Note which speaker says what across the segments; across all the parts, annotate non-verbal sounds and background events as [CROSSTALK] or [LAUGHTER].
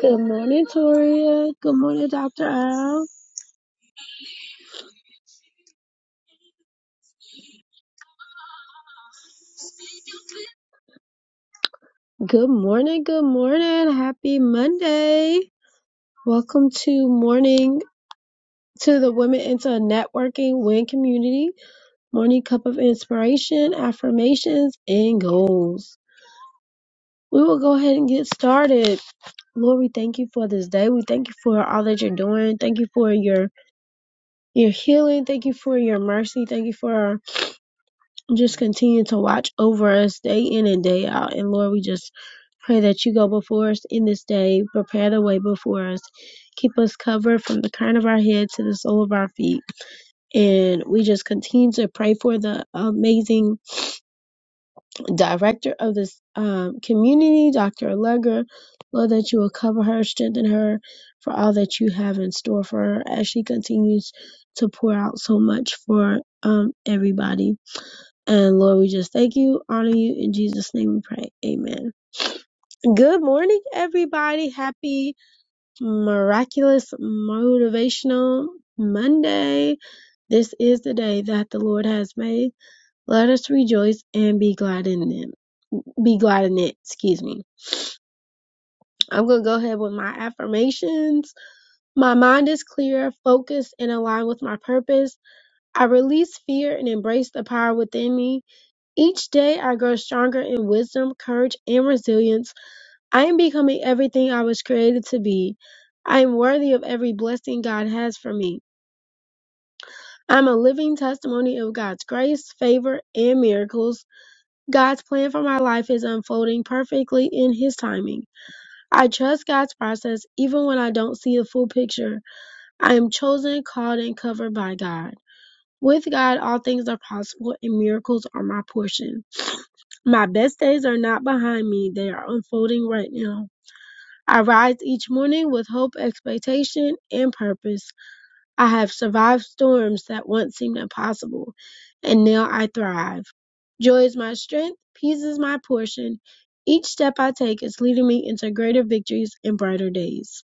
Speaker 1: Good morning, Toria. Good morning, Dr. Al. Good morning, good morning. Happy Monday. Welcome to morning to the Women into Networking Win Community Morning Cup of Inspiration, Affirmations, and Goals. We will go ahead and get started. Lord, we thank you for this day. We thank you for all that you're doing. Thank you for your your healing. Thank you for your mercy. Thank you for just continue to watch over us day in and day out. And Lord, we just pray that you go before us in this day, prepare the way before us, keep us covered from the crown of our head to the sole of our feet. And we just continue to pray for the amazing director of this um, community, Dr. Allegra. Lord, that you will cover her, strengthen her for all that you have in store for her as she continues to pour out so much for um, everybody. And Lord, we just thank you, honor you. In Jesus' name we pray. Amen. Good morning, everybody. Happy, miraculous, motivational Monday. This is the day that the Lord has made. Let us rejoice and be glad in it. Be glad in it. Excuse me. I'm going to go ahead with my affirmations. My mind is clear, focused, and aligned with my purpose. I release fear and embrace the power within me. Each day I grow stronger in wisdom, courage, and resilience. I am becoming everything I was created to be. I am worthy of every blessing God has for me. I'm a living testimony of God's grace, favor, and miracles. God's plan for my life is unfolding perfectly in His timing. I trust God's process even when I don't see the full picture. I am chosen, called, and covered by God. With God, all things are possible and miracles are my portion. My best days are not behind me, they are unfolding right now. I rise each morning with hope, expectation, and purpose. I have survived storms that once seemed impossible, and now I thrive. Joy is my strength, peace is my portion. Each step I take is leading me into greater victories and brighter days.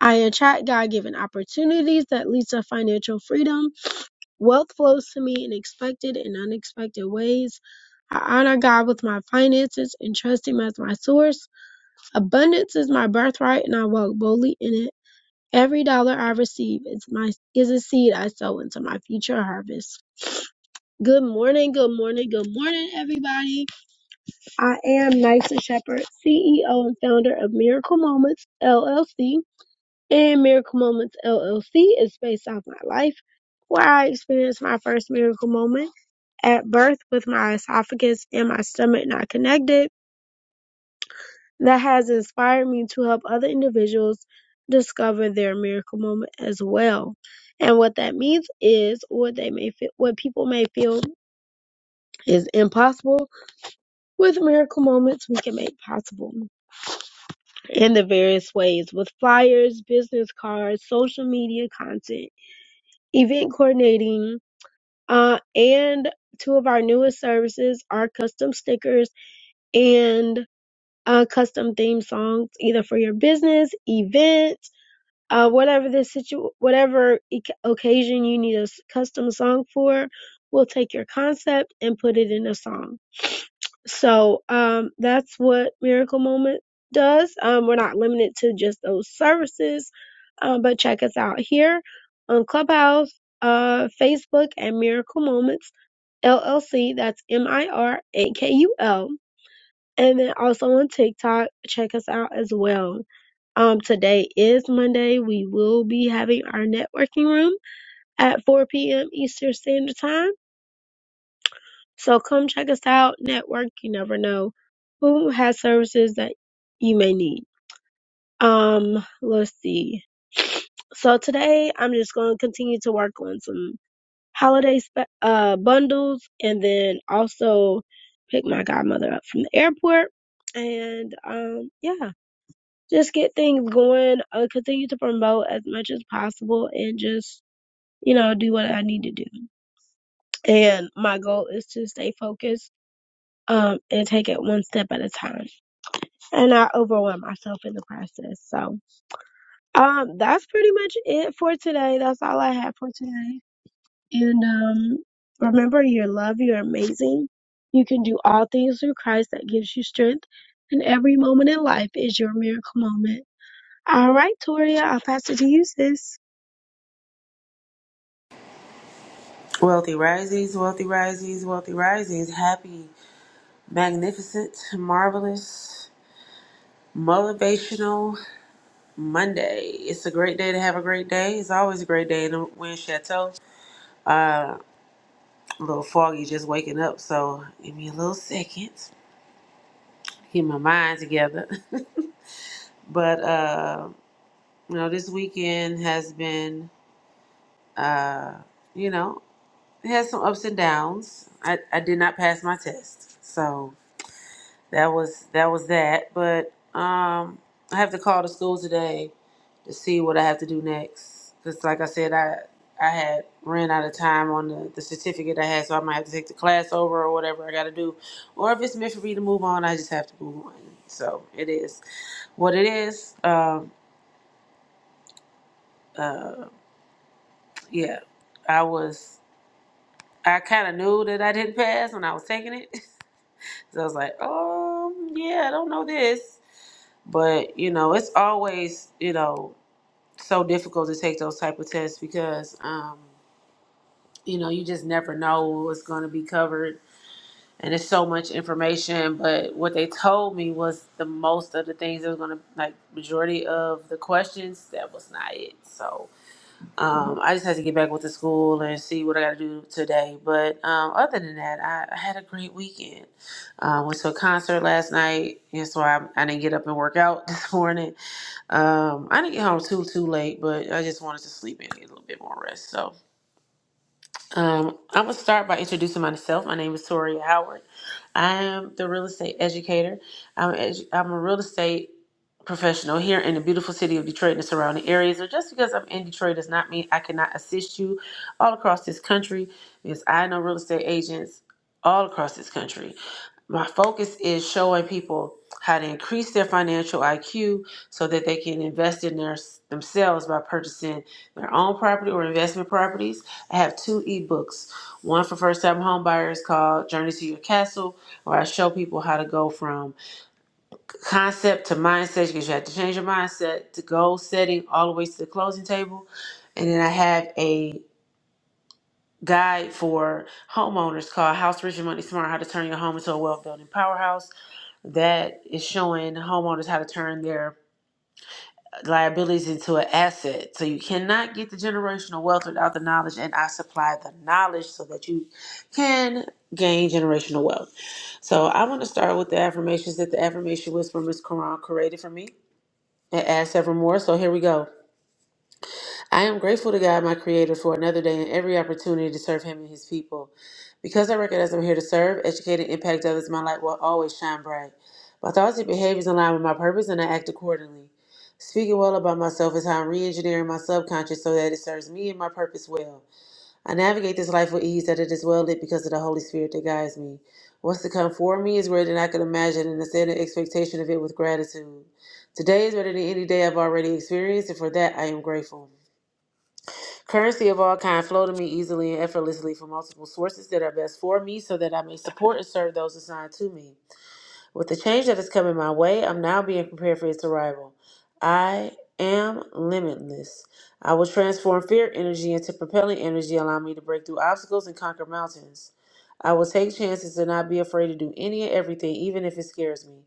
Speaker 1: I attract God-given opportunities that lead to financial freedom Wealth flows to me in expected and unexpected ways. I honor God with my finances and trust Him as my source. Abundance is my birthright, and I walk boldly in it. Every dollar I receive is my is a seed I sow into my future harvest. Good morning, good morning, good morning, everybody. I am Nysa Shepherd, CEO and founder of Miracle Moments LLC and Miracle Moments LLC is based on my life, where I experienced my first miracle moment at birth with my esophagus and my stomach not connected, that has inspired me to help other individuals discover their miracle moment as well. And what that means is what they may feel, what people may feel is impossible. With miracle moments, we can make possible in the various ways with flyers, business cards, social media content, event coordinating, Uh, and two of our newest services are custom stickers and uh, custom theme songs, either for your business, event, uh, whatever the situ, whatever e- occasion you need a s- custom song for. We'll take your concept and put it in a song. So um, that's what Miracle Moment does. Um, we're not limited to just those services, um, but check us out here on Clubhouse, uh, Facebook, and Miracle Moments LLC. That's M I R A K U L. And then also on TikTok, check us out as well. Um, today is Monday. We will be having our networking room at 4 p.m. Eastern Standard Time. So come check us out, network. You never know who has services that you may need. Um, let's see. So today I'm just going to continue to work on some holiday spe- uh bundles, and then also pick my godmother up from the airport, and um, yeah, just get things going. Uh, continue to promote as much as possible, and just you know do what I need to do. And my goal is to stay focused um and take it one step at a time and not overwhelm myself in the process. So um that's pretty much it for today. That's all I have for today. And um remember your love, you're amazing. You can do all things through Christ that gives you strength and every moment in life is your miracle moment. All right, Toria, I'll pass it to you, sis.
Speaker 2: Wealthy risings, wealthy risings, wealthy risings. Happy, magnificent, marvelous, motivational Monday. It's a great day to have a great day. It's always a great day in the Wind Chateau. A little foggy just waking up, so give me a little second. Get my mind together. [LAUGHS] but, uh, you know, this weekend has been, uh, you know, it has some ups and downs. I, I did not pass my test, so that was that was that. But um, I have to call the school today to see what I have to do next. Cause like I said, I I had ran out of time on the, the certificate I had, so I might have to take the class over or whatever I got to do. Or if it's meant for me to move on, I just have to move on. So it is what it is. Um, uh, yeah, I was. I kind of knew that I didn't pass when I was taking it, [LAUGHS] so I was like, um, yeah, I don't know this. But you know, it's always you know so difficult to take those type of tests because um, you know you just never know what's going to be covered, and it's so much information. But what they told me was the most of the things that was going to like majority of the questions that was not it. So um, I just had to get back with the school and see what I got to do today. But um, other than that, I, I had a great weekend. Uh, went to a concert last night, and so I, I didn't get up and work out [LAUGHS] this morning um, I didn't get home too too late, but I just wanted to sleep in and get a little bit more rest. So um, I'm going to start by introducing myself. My name is Toria Howard. I am the real estate educator. I'm, edu- I'm a real estate professional here in the beautiful city of Detroit and the surrounding areas. So just because I'm in Detroit does not mean I cannot assist you all across this country because I know real estate agents all across this country. My focus is showing people how to increase their financial IQ so that they can invest in their themselves by purchasing their own property or investment properties I have two ebooks. One for first time homebuyers called Journey to Your Castle, where I show people how to go from concept to mindset because you have to change your mindset to goal setting all the way to the closing table. And then I have a guide for homeowners called House Rich and Money Smart How to Turn Your Home into a Wealth Building Powerhouse that is showing homeowners how to turn their liabilities into an asset. So you cannot get the generational wealth without the knowledge, and I supply the knowledge so that you can gain generational wealth. So I want to start with the affirmations that the affirmation Whisperer, Miss Quran created for me. It asks evermore. So here we go. I am grateful to God, my Creator, for another day and every opportunity to serve Him and His people. Because I recognize I'm here to serve, educate, and impact others, my light will always shine bright. My thoughts and behaviors align with my purpose, and I act accordingly. Speaking well about myself is how I'm re engineering my subconscious so that it serves me and my purpose well. I navigate this life with ease, that it is well lit because of the Holy Spirit that guides me. What's to come for me is greater than I could imagine, and I set an expectation of it with gratitude. Today is better than any day I've already experienced, and for that I am grateful. Currency of all kind flow to me easily and effortlessly from multiple sources that are best for me so that I may support and serve those assigned to me. With the change that is coming my way, I'm now being prepared for its arrival. I am limitless. I will transform fear energy into propelling energy, allowing me to break through obstacles and conquer mountains. I will take chances and not be afraid to do any and everything, even if it scares me.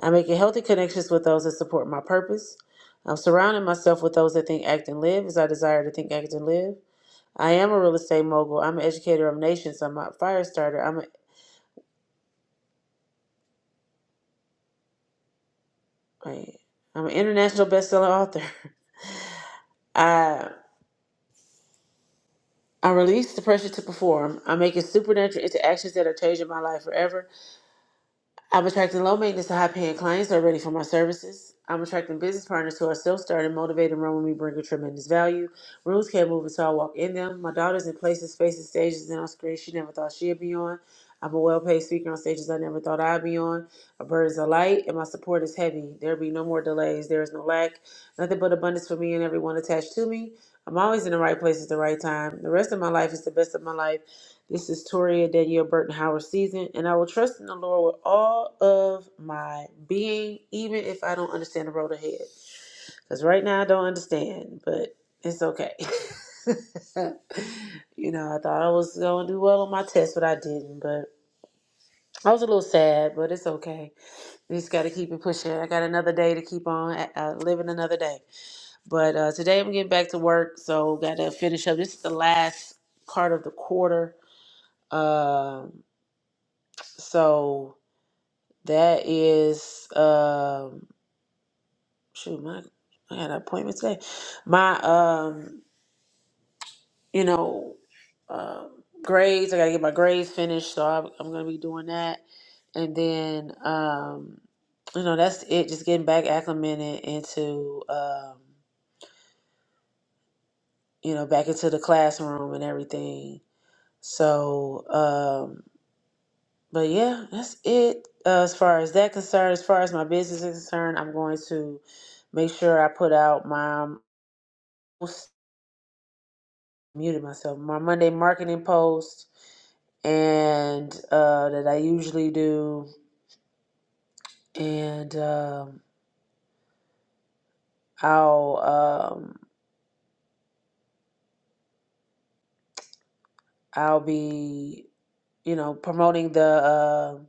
Speaker 2: I'm making healthy connections with those that support my purpose. I'm surrounding myself with those that think, act, and live as I desire to think, act, and live. I am a real estate mogul. I'm an educator of nations. I'm a fire starter. I'm a wait, I'm an international best-selling author. [LAUGHS] I I release the pressure to perform. I'm making supernatural interactions that are changing my life forever. I'm attracting low maintenance to high paying clients who are ready for my services. I'm attracting business partners who are self started, motivated, and run with me, bringing tremendous value. Rooms can't move until I walk in them. My daughter's in places, spaces, stages, and on screens she never thought she'd be on. I'm a well paid speaker on stages I never thought I'd be on. My burdens are light, and my support is heavy. There'll be no more delays. There is no lack. Nothing but abundance for me and everyone attached to me. I'm always in the right place at the right time. The rest of my life is the best of my life. This is Toria Danielle Burton Howard season, and I will trust in the Lord with all of my being, even if I don't understand the road ahead. Because right now I don't understand, but it's okay. [LAUGHS] you know, I thought I was going to do well on my test, but I didn't. But I was a little sad, but it's okay. We just got to keep it pushing. I got another day to keep on uh, living another day. But uh, today I'm getting back to work, so got to finish up. This is the last part of the quarter. Um, So that is um shoot my I had an appointment today. My um you know uh, grades I gotta get my grades finished, so I'm, I'm gonna be doing that. And then um you know that's it. Just getting back acclimated into um you know back into the classroom and everything. So um, But yeah, that's it uh, as far as that concerned. As far as my business is concerned, I'm going to make sure I put out my um, muted myself my Monday marketing post and uh, that I usually do, and um, I'll um, I'll be you know promoting the. uh,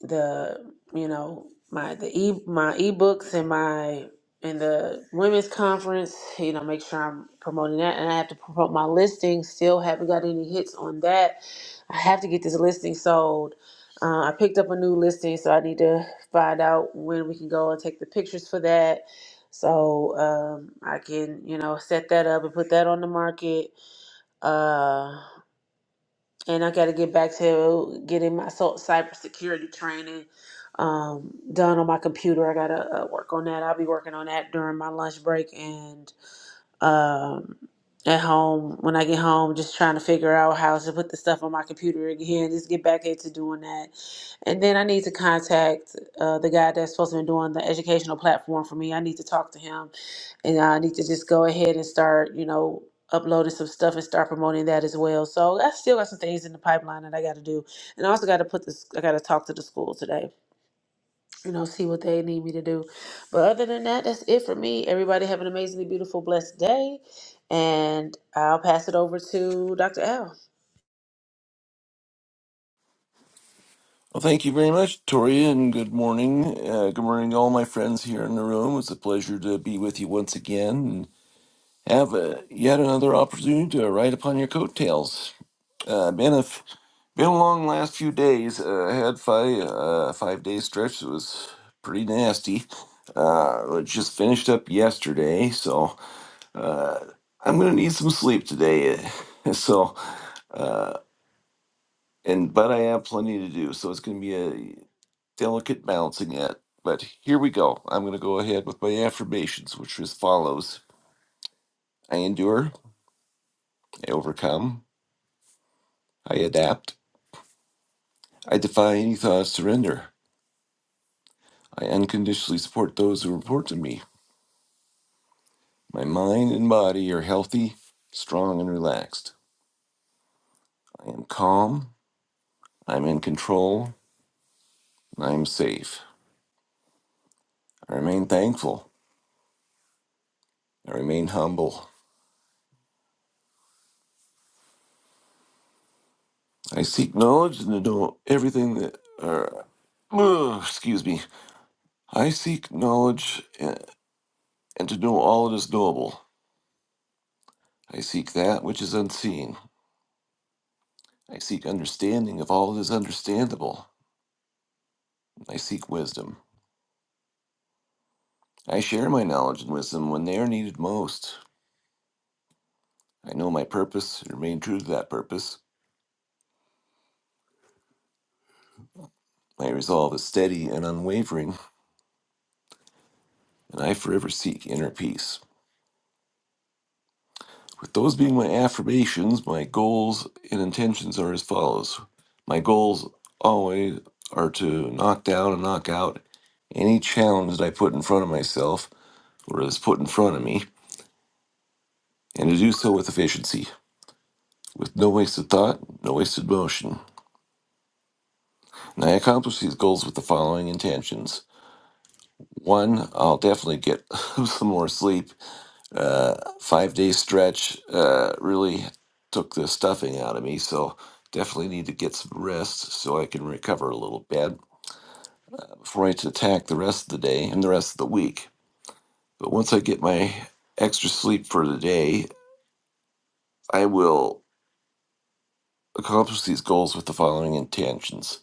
Speaker 2: the you know my the e my ebooks and my and the women's conference you know make sure i'm promoting that and i have to promote my listing still haven't got any hits on that i have to get this listing sold uh, i picked up a new listing so i need to find out when we can go and take the pictures for that so um, i can you know set that up and put that on the market Uh, and I got to get back to getting my so- cybersecurity training um, done on my computer. I got to uh, work on that. I'll be working on that during my lunch break and um, at home when I get home, just trying to figure out how to put the stuff on my computer again, just get back into doing that. And then I need to contact uh, the guy that's supposed to be doing the educational platform for me. I need to talk to him and I need to just go ahead and start, you know, uploading some stuff and start promoting that as well. So I still got some things in the pipeline that I got to do. And I also got to put this, I got to talk to the school today you know, see what they need me to do. But other than that, that's it for me. Everybody have an amazingly beautiful, blessed day. And I'll pass it over to Dr. L.
Speaker 3: Well, thank you very much, Tori, and good morning. Uh, good morning, to all my friends here in the room. It's a pleasure to be with you once again and have uh yet another opportunity to ride upon your coattails. Uh, been a f- been a long last few days. Uh, I had five uh, five day stretch. It was pretty nasty. Uh, it just finished up yesterday, so uh, I'm gonna need some sleep today. [LAUGHS] So and but I have plenty to do, so it's gonna be a delicate balancing act. But here we go. I'm going to go ahead with my affirmations, which is as follows I endure, I overcome, I adapt, I defy any thought of surrender, I unconditionally support those who report to me. My mind and body are healthy, strong, and relaxed. I am calm, I'm in control, and I am safe. I remain thankful, I remain humble. I seek knowledge and to know everything that. Uh, excuse me. I seek knowledge. and and to know all that is knowable. I seek that which is unseen. I seek understanding of all that is understandable. I seek wisdom. I share my knowledge and wisdom when they are needed most. I know my purpose and remain true to that purpose. My resolve is steady and unwavering, and I forever seek inner peace. With those being my affirmations, my goals and intentions are as follows. My goals always are to knock down and knock out any challenge that I put in front of myself or is put in front of me, and to do so with efficiency, with no wasted thought, no wasted motion. And I accomplish these goals with the following intentions. One, I'll definitely get [LAUGHS] some more sleep. Uh, five day stretch uh, really took the stuffing out of me, so definitely need to get some rest so I can recover a little bit before I attack the rest of the day and the rest of the week. But once I get my extra sleep for the day, I will accomplish these goals with the following intentions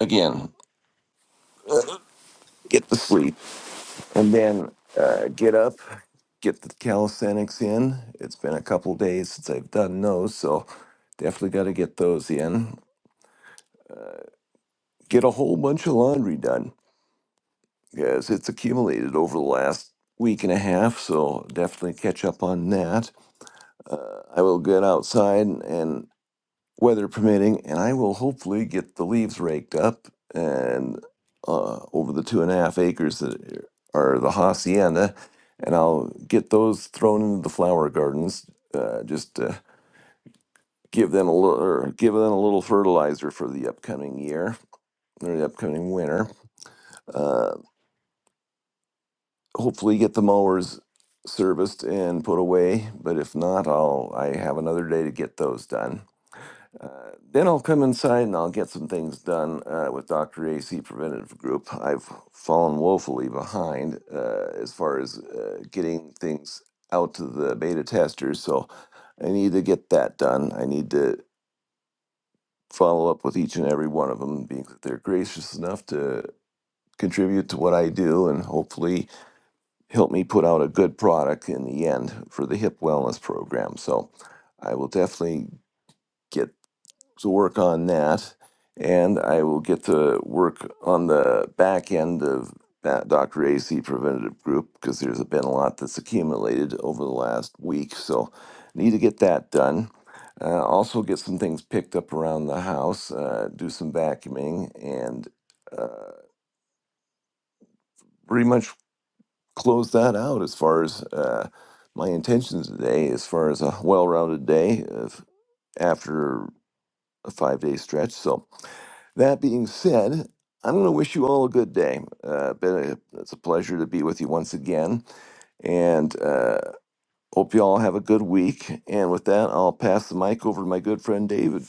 Speaker 3: again, get the sleep, and then uh, get up, get the calisthenics in. It's been a couple days since I've done those, so definitely got to get those in. Get a whole bunch of laundry done because it's accumulated over the last week and a half, so definitely catch up on that. Uh, I will get outside and weather permitting, and I will hopefully get the leaves raked up and uh, over the two and a half acres that are the hacienda, and I'll get those thrown into the flower gardens. Uh, just uh, give them a little, or give them a little fertilizer for the upcoming year or the upcoming winter. Uh, hopefully, get the mowers serviced and put away. But if not, I'll I have another day to get those done. Uh, then I'll come inside and I'll get some things done uh, with Dr. AC Preventative Group. I've fallen woefully behind uh, as far as uh, getting things out to the beta testers, so I need to get that done. I need to follow up with each and every one of them, being that they're gracious enough to contribute to what I do and hopefully help me put out a good product in the end for the hip wellness program. So I will definitely. get. to work on that, and I will get to work on the back end of that Dr. AC preventative group because there's been a lot that's accumulated over the last week, so need to get that done. Uh, also, get some things picked up around the house, uh, do some vacuuming, and uh, pretty much close that out as far as uh, my intentions today, as far as a well rounded day of, after a five day stretch. So, That being said, I'm going to wish you all a good day. Uh, been a, it's a pleasure to be with you once again, and uh, hope you all have a good week. And with that, I'll pass the mic over to my good friend David.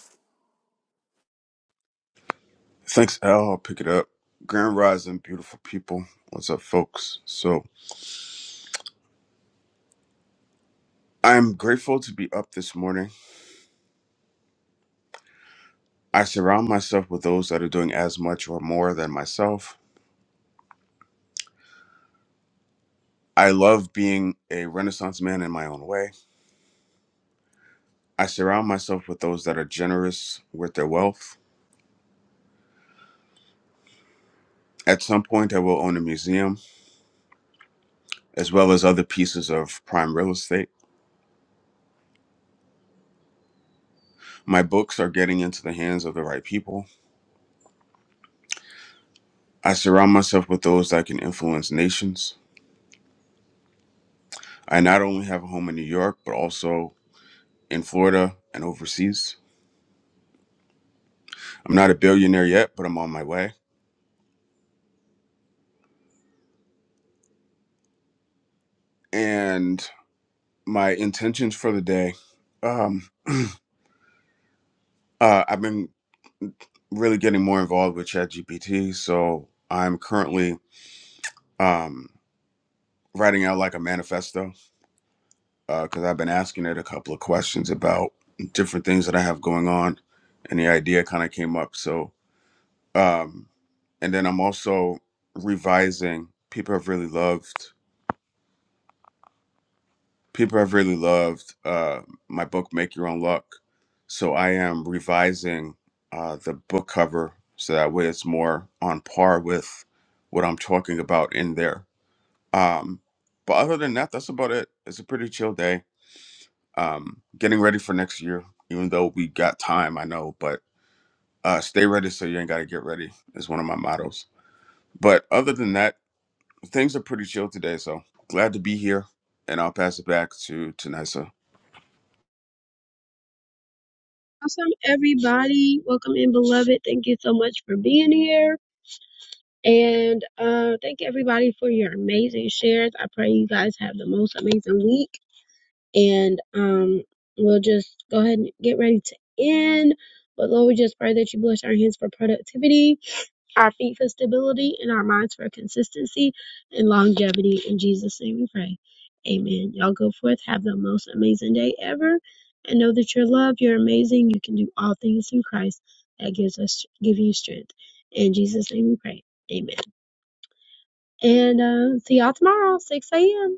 Speaker 4: Thanks, Al. I'll pick it up. Grand Rising, beautiful people. What's up, folks? So, I'm grateful to be up this morning. I surround myself with those that are doing as much or more than myself. I love being a Renaissance man in my own way. I surround myself with those that are generous with their wealth. At some point, I will own a museum as well as other pieces of prime real estate. My books are getting into the hands of the right people. I surround myself with those that can influence nations. I not only have a home in New York, but also in Florida and overseas. I'm not a billionaire yet, but I'm on my way. And my intentions for the day, um, uh, I've been really getting more involved with ChatGPT. So I'm currently um, writing out like a manifesto because I've been asking it a couple of questions about different things that I have going on, and the idea kind of came up. So, um, and then I'm also revising. People have really loved. people have really loved uh, my book make your own luck so i am revising uh, the book cover so that way it's more on par with what i'm talking about in there um, but other than that that's about it it's a pretty chill day um, getting ready for next year even though we got time i know but uh, stay ready so you ain't gotta get ready is one of my mottos but other than that things are pretty chill today so glad to be here and i'll pass it back to to Nysa.
Speaker 1: Awesome, everybody. Welcome in, beloved. Thank you so much for being here. And uh, thank everybody for your amazing shares. I pray you guys have the most amazing week. And um, we'll just go ahead and get ready to end. But Lord, we just pray that you bless our hands for productivity, our feet for stability, and our minds for consistency and longevity. In Jesus' name we pray. Amen. Y'all go forth. Have the most amazing day ever. And know that you're loved. You're amazing. You can do all things through Christ that gives us, give you strength. In Jesus' name we pray. Amen. And uh, see y'all tomorrow, 6 a.m.